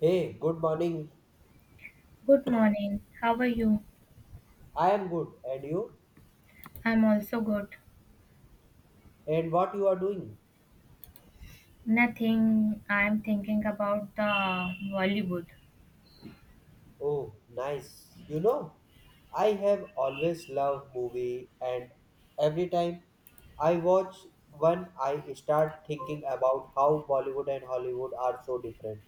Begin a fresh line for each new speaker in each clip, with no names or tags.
Hey, good morning.
Good morning. How are you?
I am good. And you?
I'm also good.
And what you are doing?
Nothing. I'm thinking about the Bollywood.
Oh, nice. You know, I have always loved movie and every time I watch one I start thinking about how Bollywood and Hollywood are so different.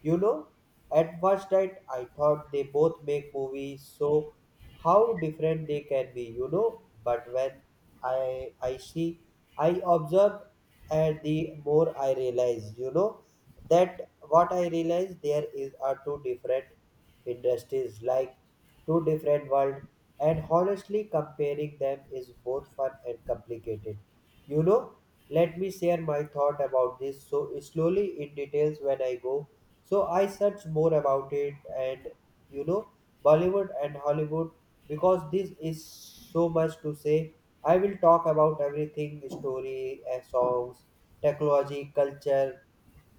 You know, at first sight I thought they both make movies so how different they can be, you know, but when I see I observe and the more I realize, you know, that what I realize there is are two different industries like two different worlds, and honestly comparing them is both fun and complicated, you know. Let me share my thought about this so slowly in details when I go. So I search more about it and, you know, Bollywood and Hollywood, because this is so much to say I will talk about everything: story, songs, technology, culture,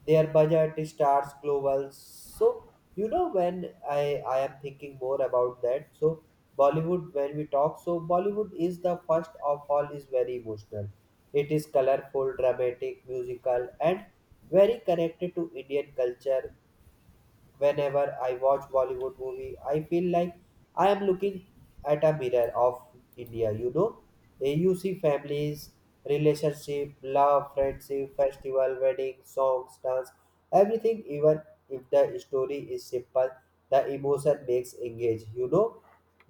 their budget starts global. So, you know, when I am thinking more about that, so Bollywood, when we talk, so Bollywood is, the first of all, is very emotional. It is colorful, dramatic, musical and very connected to Indian culture. Whenever I watch Bollywood movie, I feel like I am looking at a mirror of India, you know. You see families, relationship, love, friendship, festival, wedding, songs, dance, everything. Even if the story is simple, the emotion makes engage, you know,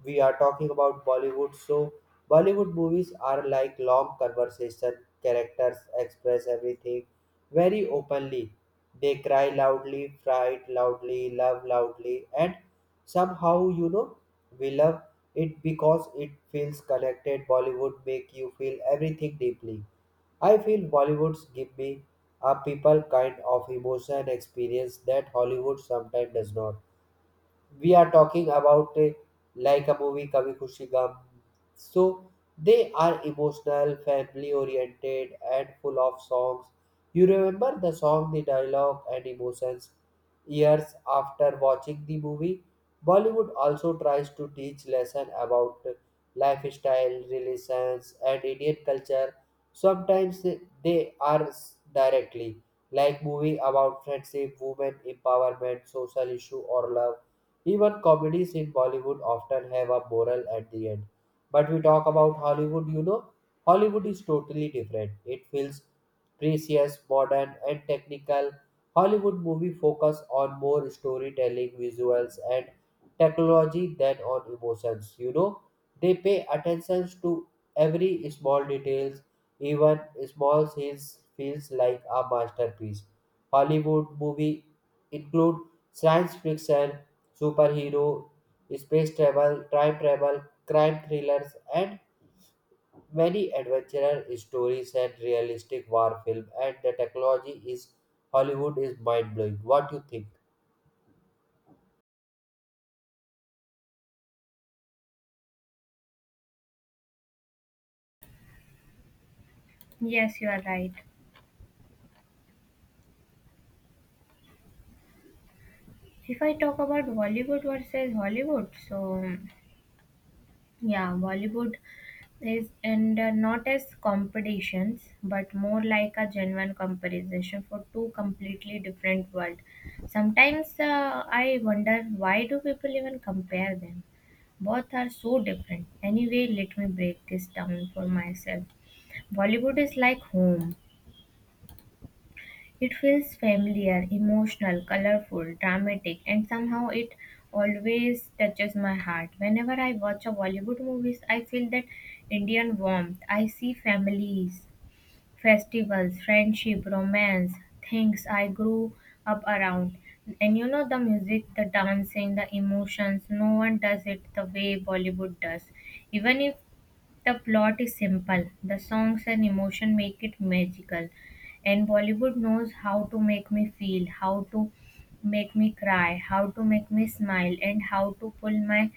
we are talking about Bollywood. So Bollywood movies are like long conversation. Characters express everything very openly. They cry loudly, fight loudly, love loudly, and somehow, you know, we love it because it feels connected. Bollywood make you feel everything deeply. I feel Bollywoods give me a people kind of emotion and experience that Hollywood sometimes does not. We are talking about like a movie Kabhi Khushi Gum. So they are emotional, family oriented, and full of songs. You remember the song, the dialogue, and emotions years after watching the movie. Bollywood also tries to teach lesson about lifestyle, relations, and Indian culture. Sometimes directly like movie about friendship, women empowerment, social issue, or love. Even comedies in Bollywood often have a moral at the end. But we talk about Hollywood, you know, Hollywood is totally different. It feels precious, modern, and technical. Hollywood movie focus on more storytelling, visuals, and technology than on emotions. You know, they pay attention to every small details, even small scenes feels like a masterpiece. Hollywood movies include science fiction, superhero, space travel, time travel, crime thrillers, and many adventure stories and realistic war film. And the technology is Hollywood is mind blowing. What do you think?
Yes, you are right. If I talk about Bollywood versus Hollywood, so yeah, Bollywood is and not as competitions, but more like a genuine comparison for two completely different world. Sometimes I wonder why do people even compare them? Both are so different. Anyway, let me break this down for myself. Bollywood is like home. It feels familiar, emotional, colorful, dramatic, and somehow it always touches my heart. Whenever I watch a Bollywood movies, I feel that Indian warmth. I see families, festivals, friendship, romance, things I grew up around. And you know the music, the dancing, the emotions, no one does it the way Bollywood does. Even if the plot is simple, the songs and emotion make it magical. And Bollywood knows how to make me feel, how to make me cry, how to make me smile, and how to pull my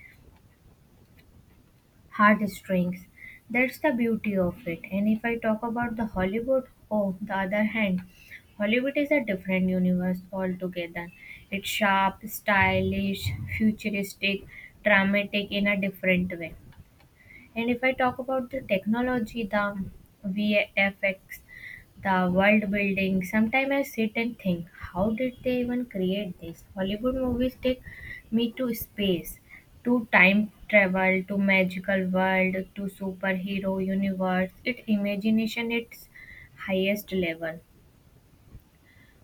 heartstrings. That's the beauty of it. And if I talk about the Hollywood, oh, the other hand, Hollywood is a different universe altogether. It's sharp, stylish, futuristic, dramatic in a different way. And if I talk about the technology, the VFX, the world building, sometimes I sit and think, how did they even create this? Hollywood movies take me to space, to time travel, to magical world, to superhero universe. It imagination its highest level.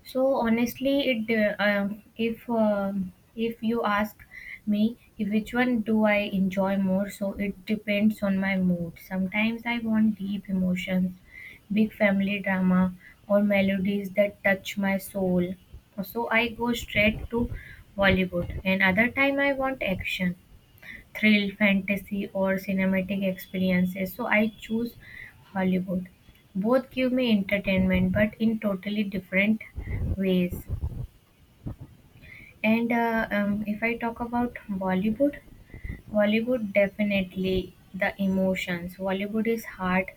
So honestly, it if you ask me if which one do I enjoy more, so it depends on my mood. Sometimes I want deep emotions, big family drama, or melodies that touch my soul. So I go straight to Bollywood, and other time I want action thrill, fantasy, or cinematic experiences. So I choose Hollywood. Both give me entertainment, but in totally different ways. And if I talk about Bollywood, Bollywood definitely the emotions. Bollywood is heart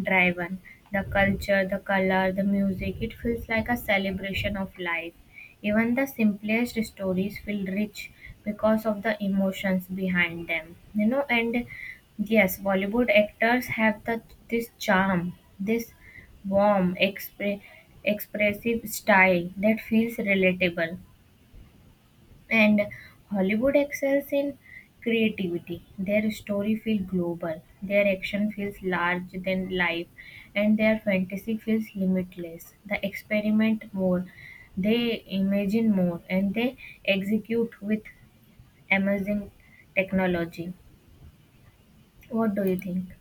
driven. The culture, the color, the music, it feels like a celebration of life. Even the simplest stories feel rich because of the emotions behind them. You know, and yes, Bollywood actors have the this charm, this warm, expressive style that feels relatable. And Hollywood excels in creativity. Their story feels global, their action feels larger than life, and their fantasy feels limitless. They experiment more, they imagine more, and they execute with amazing technology. What do you think?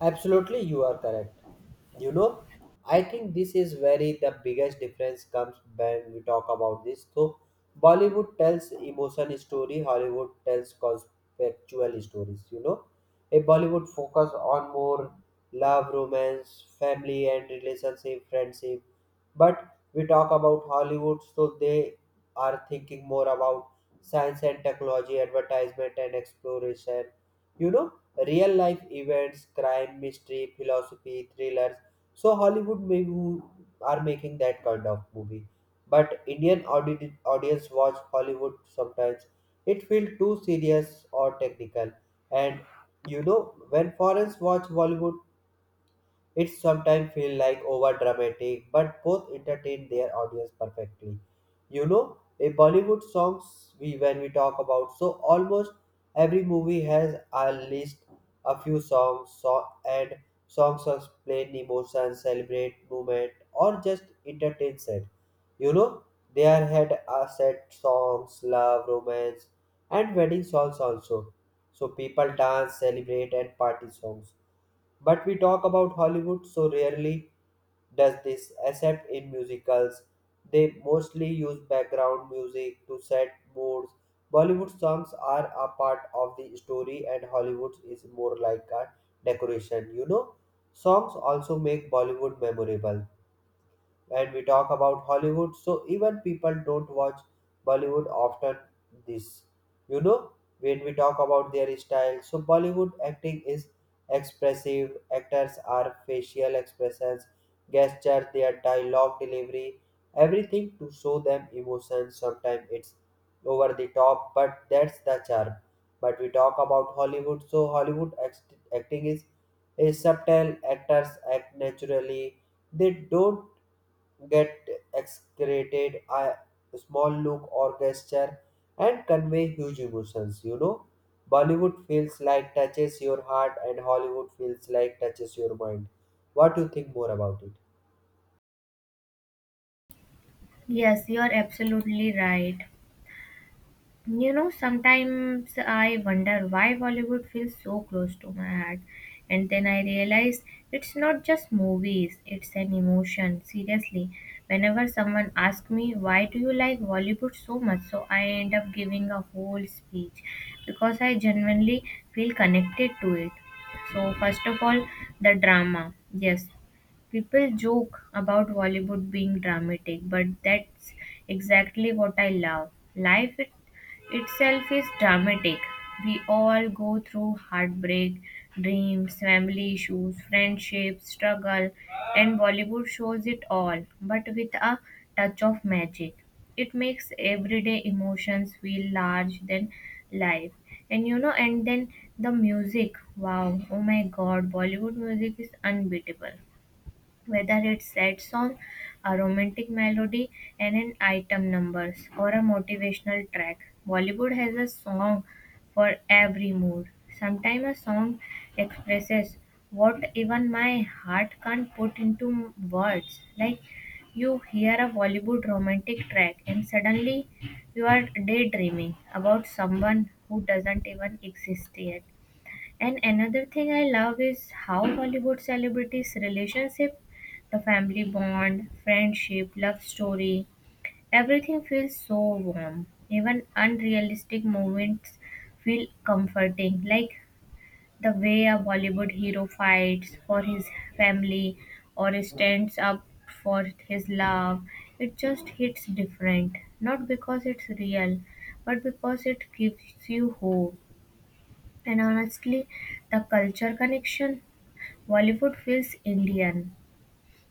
Absolutely, you are correct. You know, I think this is where the biggest difference comes when we talk about this. So Bollywood tells emotion story, Hollywood tells conceptual stories. You know, a Bollywood focus on more love, romance, family, and relationship, friendship. But we talk about Hollywood, so they are thinking more about science and technology, advertisement and exploration, you know, real life events, crime, mystery, philosophy, thrillers. So Hollywood maybe are making that kind of movie, but Indian audience watch Hollywood sometimes, it feel too serious or technical. And, you know, when foreigners watch Bollywood it sometimes feel like over dramatic, but both entertain their audience perfectly. You know, a Bollywood songs, we when we talk about, so almost every movie has a list, a few songs so, and songs explain emotions, celebrate movement or just entertain set. You know, they are had a set songs, love, romance and wedding songs also. So people dance, celebrate and party songs, but we talk about Hollywood, so rarely does this, except in musicals. They mostly use background music to set moods. Bollywood songs are a part of the story, and Hollywood is more like a decoration. You know, songs also make Bollywood memorable when we talk about Hollywood. So even people don't watch Bollywood often this. You know, when we talk about their style, so Bollywood acting is expressive. Actors are facial expressions, gestures, their dialogue delivery, everything to show them emotions. Sometimes it's over the top, but that's the charm. But we talk about Hollywood, so Hollywood acting is subtle. Actors act naturally. They don't get excreted a small look or gesture and convey huge emotions, you know. Bollywood feels like touches your heart and Hollywood feels like touches your mind. What do you think more about it?
Yes, you are absolutely right. You know, sometimes I wonder why Bollywood feels so close to my heart, and then I realize it's not just movies, it's an emotion. Seriously, whenever someone asks me, Why do you like Bollywood so much? So I end up giving a whole speech because I genuinely feel connected to it. So, first of all, the drama. Yes, people joke about Bollywood being dramatic, but that's exactly what I love. Life it itself is dramatic. We all go through heartbreak, dreams, family issues, friendships, struggle, and Bollywood shows it all, but with a touch of magic. It makes everyday emotions feel large than life. And you know, and then the music wow, oh my god, Bollywood music is unbeatable whether it sets on a romantic melody and an item numbers or a motivational track. Bollywood has a song for every mood. Sometimes a song expresses what even my heart can't put into words. Like you hear a Bollywood romantic track and suddenly you are daydreaming about someone who doesn't even exist yet. And another thing I love is how Hollywood celebrities' relationship, the family bond, friendship, love story, everything feels so warm. Even unrealistic moments feel comforting, like the way a Bollywood hero fights for his family or stands up for his love. It just hits different, not because it's real, but because it gives you hope. And honestly, the culture connection, Bollywood feels Indian.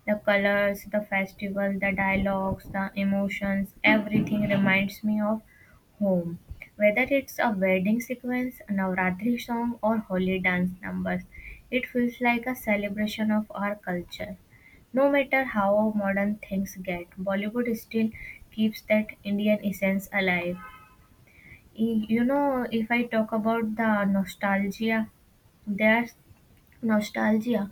The colors, the festival, the dialogues, the emotions, everything reminds me of home. Whether it's a wedding sequence, a Navratri song, or holy dance numbers, it feels like a celebration of our culture. No matter how modern things get, Bollywood still keeps that Indian essence alive. You know, if I talk about the nostalgia, there's nostalgia.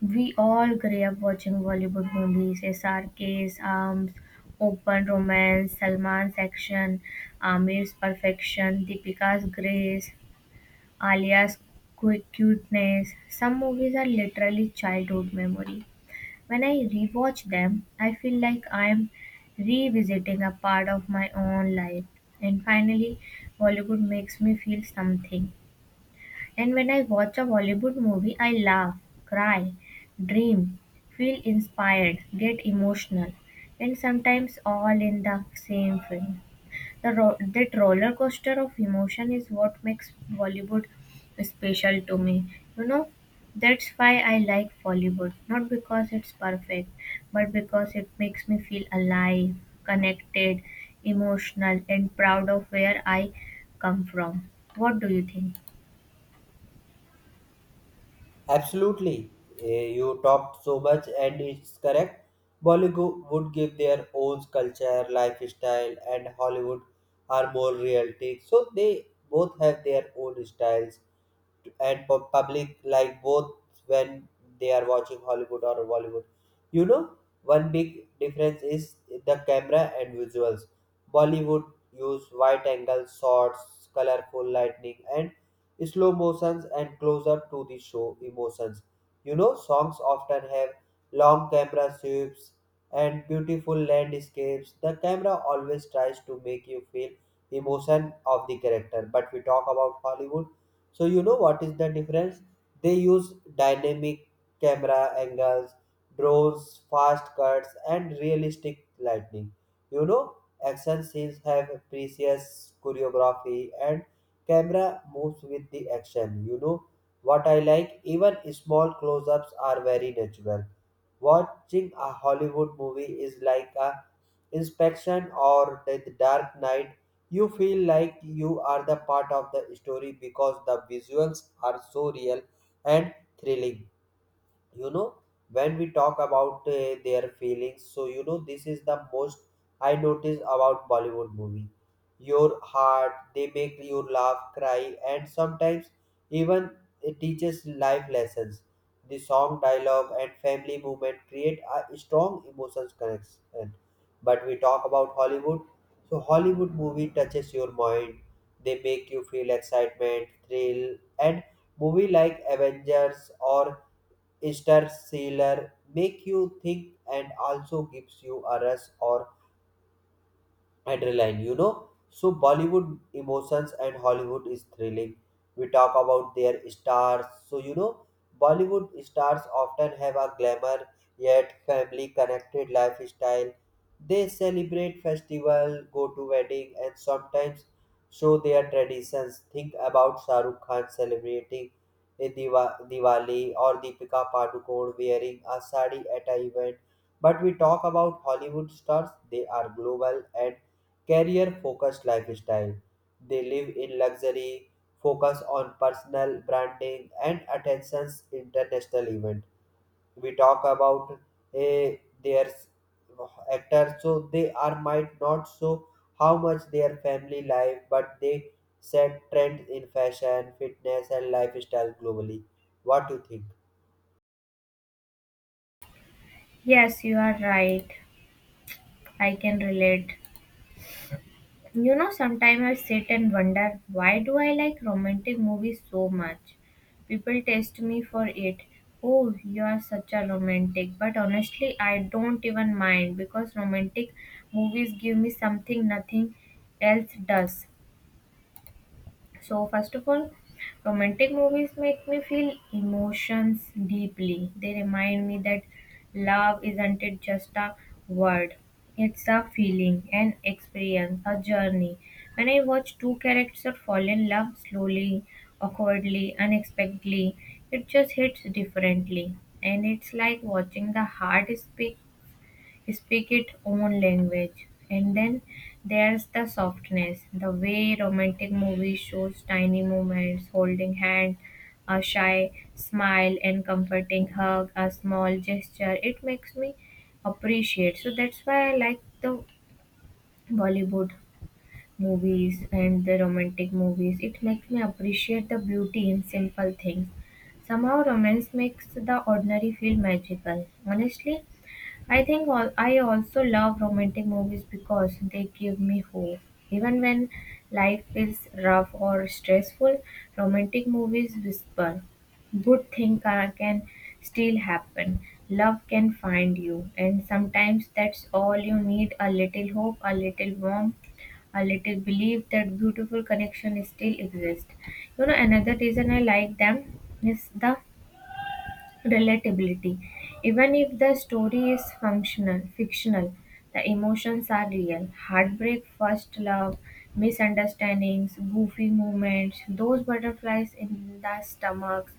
We all grew up watching Bollywood movies, SRK's Arms, Open Romance, Salman's Action, Amir's Perfection, Deepika's Grace, Alia's Cuteness. Some movies are literally childhood memory. When I rewatch them, I feel like I'm revisiting a part of my own life. And finally, Bollywood makes me feel something. And when I watch a Bollywood movie, I laugh, cry, dream, feel inspired, get emotional, and sometimes all in the same film. That roller coaster of emotion is what makes Bollywood special to me. You know, that's why I like Bollywood. Not because it's perfect, but because it makes me feel alive, connected, emotional, and proud of where I come from. What do you think?
Absolutely. You talked so much and it's correct. Bollywood would give their own culture, lifestyle, and Hollywood are more realistic. So they both have their own styles, and public like both when they are watching Hollywood or Bollywood. You know, one big difference is the camera and visuals. Bollywood use wide angle shots, colorful lightning, and slow motions and close up to the show emotions. You know, songs often have long camera sweeps and beautiful landscapes. The camera always tries to make you feel emotion of the character. But we talk about Hollywood, so you know what is the difference? They use dynamic camera angles, drones, fast cuts, and realistic lighting. You know, action scenes have a precious choreography and camera moves with the action. You know what I like? Even small close-ups are very natural. Watching a Hollywood movie is like a inspection or the Dark Knight, you feel like you are the part of the story because the visuals are so real and thrilling. You know, when we talk about their feelings, so you know this is the most I notice about Bollywood movie, your heart, they make you laugh, cry, and sometimes even it teaches life lessons. The song, dialogue, and family movement create a strong emotions connection. But we talk about Hollywood, so Hollywood movie touches your mind. They make you feel excitement, thrill, and movie like Avengers or Interstellar make you think and also gives you a rush or adrenaline, you know. So Bollywood emotions and Hollywood is thrilling. We talk about their stars. So you know, Bollywood stars often have a glamour yet family connected lifestyle. They celebrate festival, go to wedding, and sometimes show their traditions. Think about Shah Rukh Khan celebrating a Diwali or Deepika Padukone wearing a sari at a event. But we talk about Hollywood stars, they are global and career focused lifestyle. They live in luxury, focus on personal branding and attention's international event. We talk about eh, their s- actors, so they are might not so how much their family life, but they set trends in fashion, fitness, and lifestyle globally. What do you think?
Yes, you are right. I can relate. You know, sometimes I sit and wonder why do I like romantic movies so much? People test me for it. Oh, you are such a romantic. But honestly, I don't even mind because romantic movies give me something nothing else does. So, first of all, romantic movies make me feel emotions deeply. They remind me that love isn't it just a word, it's a feeling, an experience, a journey. When I watch two characters fall in love slowly, awkwardly, unexpectedly, it just hits differently. And it's like watching the heart speak its own language. And then there's the softness, the way romantic movies shows tiny moments, holding hand, a shy smile and comforting hug, a small gesture. It makes me appreciate. So that's why I like the Bollywood movies and the romantic movies. It makes me appreciate the beauty in simple things. Somehow romance makes the ordinary feel magical. Honestly, I think all, I also love romantic movies because they give me hope. Even when life feels rough or stressful, romantic movies whisper, good things can still happen. Love can find you. And sometimes that's all you need a little hope, a little warmth, a little belief that beautiful connection still exists. You know, another reason I like them is the Relatability. Even if the story is functional, fictional, the emotions are real. Heartbreak, first love, misunderstandings, goofy moments, those butterflies in the stomach,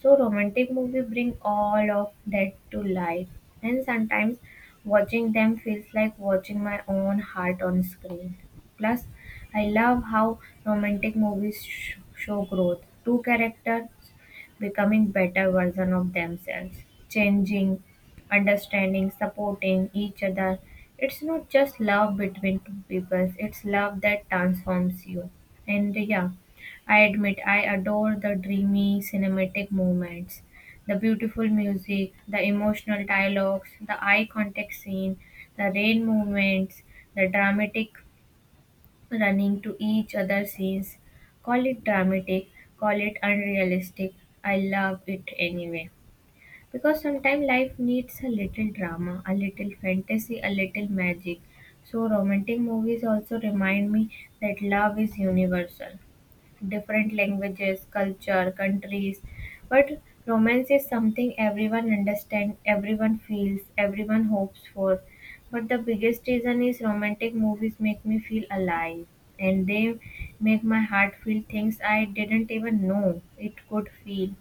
so romantic movies bring all of that to life, and sometimes watching them feels like watching my own heart on screen. Plus, I love how romantic movies show growth. Two characters becoming better version of themselves, changing, understanding, supporting each other. It's not just love between two people, it's love that transforms you. And yeah, I admit I adore the dreamy cinematic moments, the beautiful music, the emotional dialogues, the eye contact scene, the rain movements, the dramatic running to each other scenes. Call it dramatic, call it unrealistic. I love it anyway. Because sometimes life needs a little drama, a little fantasy, a little magic. So romantic movies also remind me that love is universal different languages, culture, countries. But romance is something everyone understands, everyone feels, everyone hopes for. But the biggest reason is romantic movies make me feel alive and they make my heart feel things I didn't even know it could feel.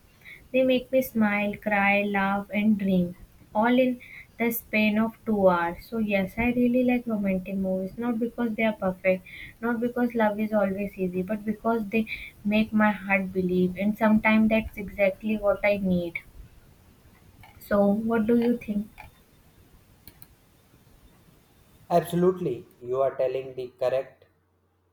They make me smile, cry, laugh, and dream, all in the span of 2 hours. So, yes, I really like romantic movies, not because they are perfect, not because love is always easy, but because they make my heart believe, and sometimes that's exactly what I need. So, what do you think?
Absolutely, you are telling the correct.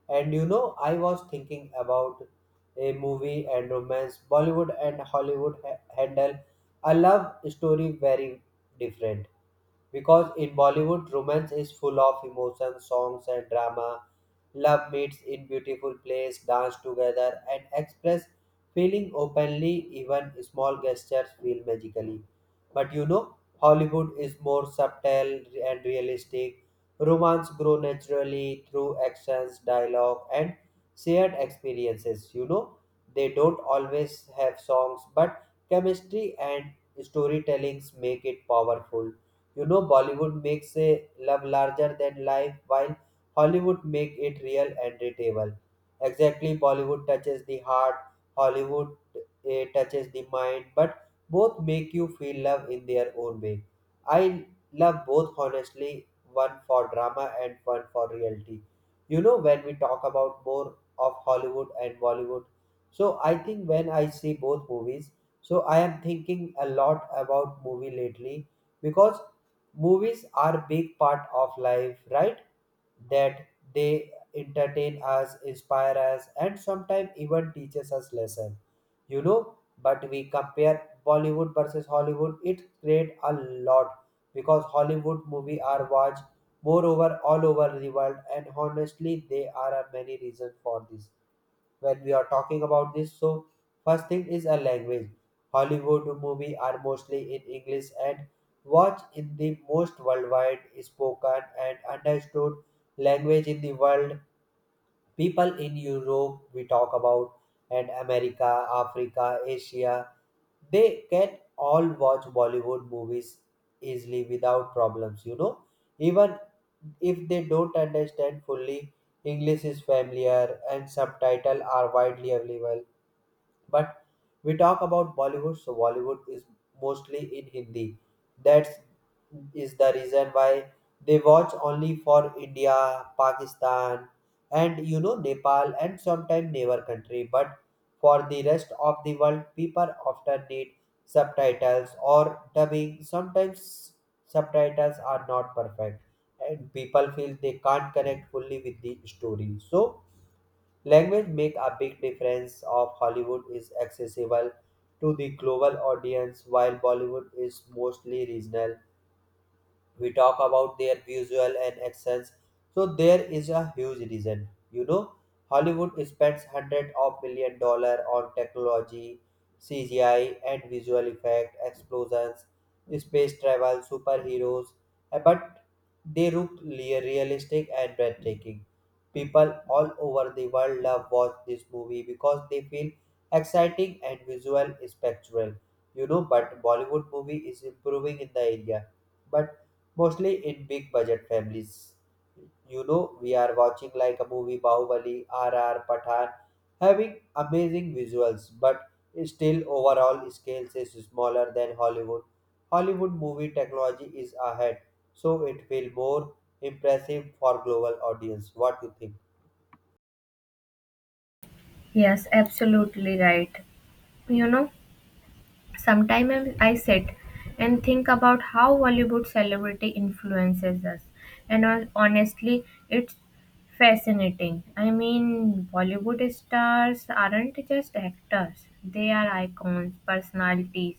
And you know, I was thinking about a movie and romance. Bollywood and Hollywood handle a love story very different, because in Bollywood, romance is full of emotion, songs, and drama. Love meets in beautiful place, dance together, and express feeling openly. Even small gestures feel magically. But you know, Hollywood is more subtle and realistic. Romance grow naturally through actions, dialogue, and shared experiences. You know, they don't always have songs, but chemistry and storytellings make it powerful. You know, Bollywood makes a love larger than life, while Hollywood make it real and relatable. Exactly, Bollywood touches the heart, Hollywood touches the mind, but both make you feel love in their own way. I love both honestly, one for drama and one for reality. You know, when we talk about more of Hollywood and Bollywood, so I think when I see both movies, so I am thinking a lot about movie lately because movies are big part of life, right? That they entertain us, inspire us, and sometimes even teaches us lesson. You know, but we compare Bollywood versus Hollywood, it create a lot because Hollywood movie are watched moreover all over the world, and honestly there are many reasons for this. When we are talking about this, so first thing is a language. Hollywood movie are mostly in English and watched in the most worldwide spoken and understood language in the world. People in Europe, we talk about, and America, Africa, Asia, they can all watch Bollywood movies easily without problems, you know. Even if they don't understand fully, English is familiar and subtitles are widely available. But we talk about Bollywood, so Bollywood is mostly in Hindi. That's the reason why they watch only for India, Pakistan, and you know Nepal and sometimes neighbor country. But for the rest of the world, people often need subtitles or dubbing. Sometimes subtitles are not perfect, and people feel they can't connect fully with the story. So language make a big difference of Hollywood is accessible to the global audience while Bollywood is mostly regional. We talk about their visual and accents, so there is a huge reason. You know, Hollywood spends hundreds of million dollar on technology, CGI, and visual effect explosions, space travel, superheroes, but they look realistic and breathtaking. People all over the world love watch this movie because they feel exciting and visual spectral. You know, but Bollywood movie is improving in the area, but mostly in big budget families. You know, we are watching like a movie Bahubali, RR, Pathan, having amazing visuals, but still overall scales is smaller than Hollywood. Hollywood movie technology is ahead, so it feel more impressive for global audience. What you think?
Yes, absolutely right. You know, Sometimes I sit and think about how Bollywood celebrity influences us. And honestly, it's fascinating. I mean, Bollywood stars aren't just actors, they are icons, personalities,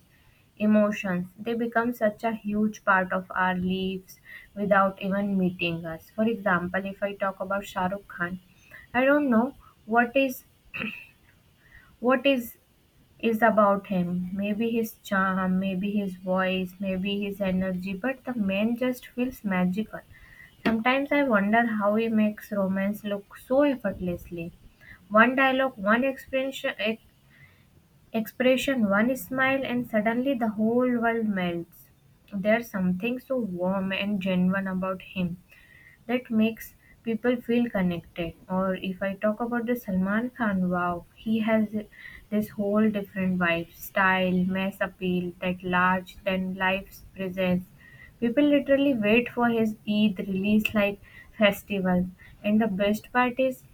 emotions. They become such a huge part of our lives without even meeting us. For example, if I talk about Shah Rukh Khan, I don't know what is what is about him. Maybe his charm, maybe his voice, maybe his energy, but the man just feels magical. Sometimes I wonder how he makes romance look so effortlessly. One dialogue, one expression, expression, one smile, and suddenly the whole world melts. There's something so warm and genuine about him that makes people feel connected. Or if I talk about the Salman Khan, wow, he has this whole different vibe, style, mass appeal, that large than life's presence. People literally wait for his Eid release like festival. And the best part is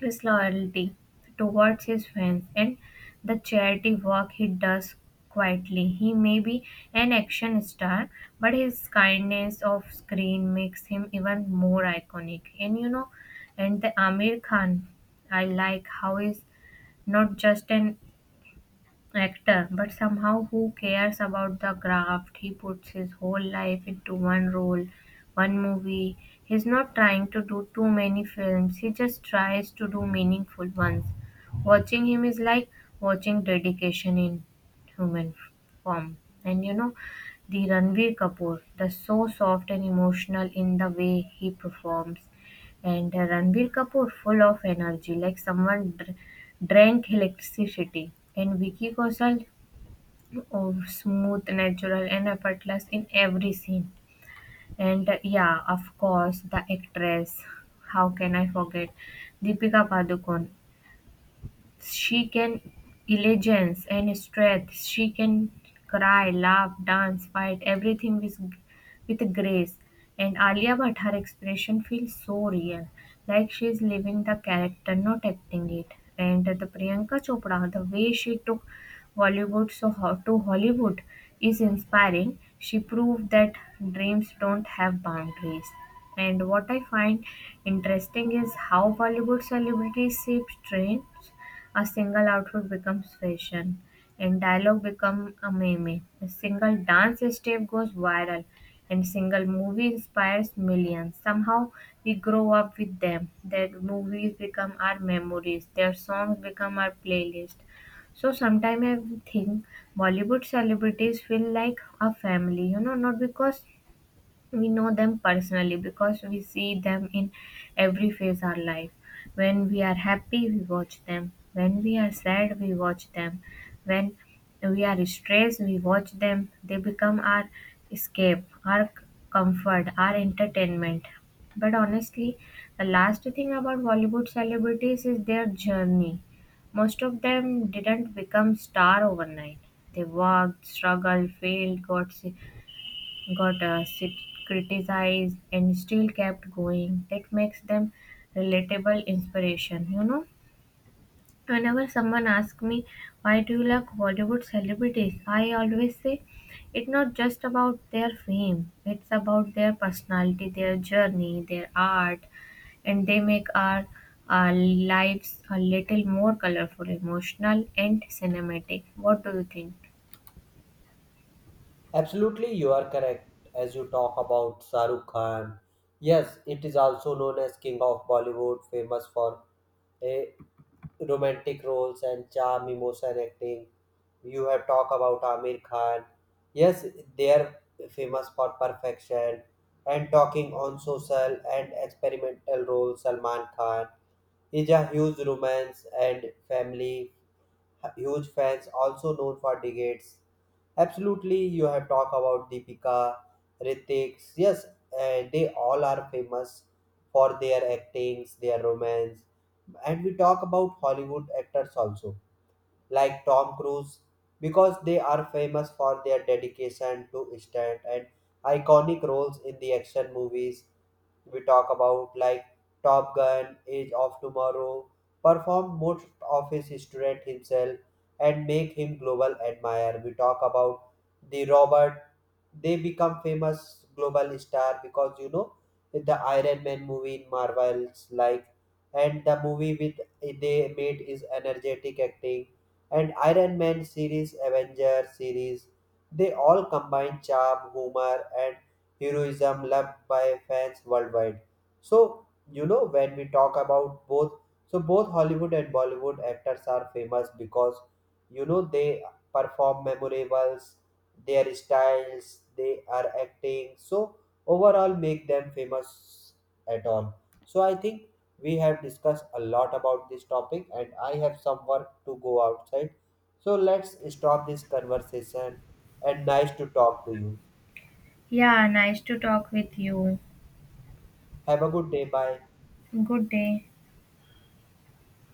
his loyalty towards his fans and the charity work he does quietly. He may be an action star, but his kindness off screen makes him even more iconic. And you know, and the Amir Khan, I like how he's not just an actor, but somehow who cares about the craft? He puts his whole life into one role, one movie. He's not trying to do too many films, he just tries to do meaningful ones. Watching him is like watching dedication in human form. And you know, the Ranveer Kapoor, the so soft and emotional in the way he performs and Ranveer Kapoor full of energy, like someone Drank Electricity and Vicky Kaushal oh, smooth, natural, and effortless in every scene. And yeah, of course, the actress. How can I forget? Deepika Padukone. She can diligence and strength. She can cry, laugh, dance, fight everything with grace. And Alia Bhatt, her expression feels so real, like she is living the character, not acting it. And the Priyanka Chopra, the way she took Bollywood to Hollywood is inspiring. She proved that dreams don't have boundaries. And what I find interesting is how Bollywood celebrities shape trends. A single outfit becomes fashion, and dialogue become a meme. A single dance step goes viral, and single movie inspires millions. Somehow we grow up with them. Their movies become our memories. Their songs become our playlist. So sometimes I think Bollywood celebrities feel like a family, you know, not because we know them personally because we see them in every phase of our life when we are happy we watch them when we are sad we watch them when we are stressed we watch them they become our escape comfort our entertainment but honestly the last thing about bollywood celebrities is their journey most of them didn't become star overnight they worked struggled failed got sick got uh, sit- criticized and still kept going that makes them relatable inspiration you know whenever someone asks me why do you like bollywood celebrities I always say it's not just about their fame it's about their personality their journey their art and they make our lives a little more colorful emotional and cinematic what do you think
Absolutely, you are correct. As you talk about Sarukh Khan, yes, it is also known as King of Bollywood, famous for a romantic roles and charm, emotion, acting. You have talked about Amir Khan. Yes, they are famous for perfection and talking on social and experimental roles. Salman Khan is a huge romance and family, huge fans, also known for decades. Absolutely, you have talked about Deepika, Ritik. Yes, they all are famous for their actings, their romance. And we talk about Hollywood actors also, like Tom Cruise, because they are famous for their dedication to stunt and iconic roles in the action movies. We talk about like Top Gun, Age of Tomorrow, perform most of his stunt himself and make him global admirer. We talk about the Robert, they become famous global star because you know the Iron Man movie in Marvel's like, and the movie with they made is energetic acting and Iron Man series, Avenger series, they all combine charm, humor, and heroism loved by fans worldwide. So, you know, when we talk about both, so both Hollywood and Bollywood actors are famous because, you know, they perform memorables, their styles, they are acting, so overall make them famous at all. So I think we have discussed a lot about this topic, and I have some work to go outside. So let's stop this conversation. And nice to talk to you.
yeah nice to talk with you
Have a good day. Bye.
good day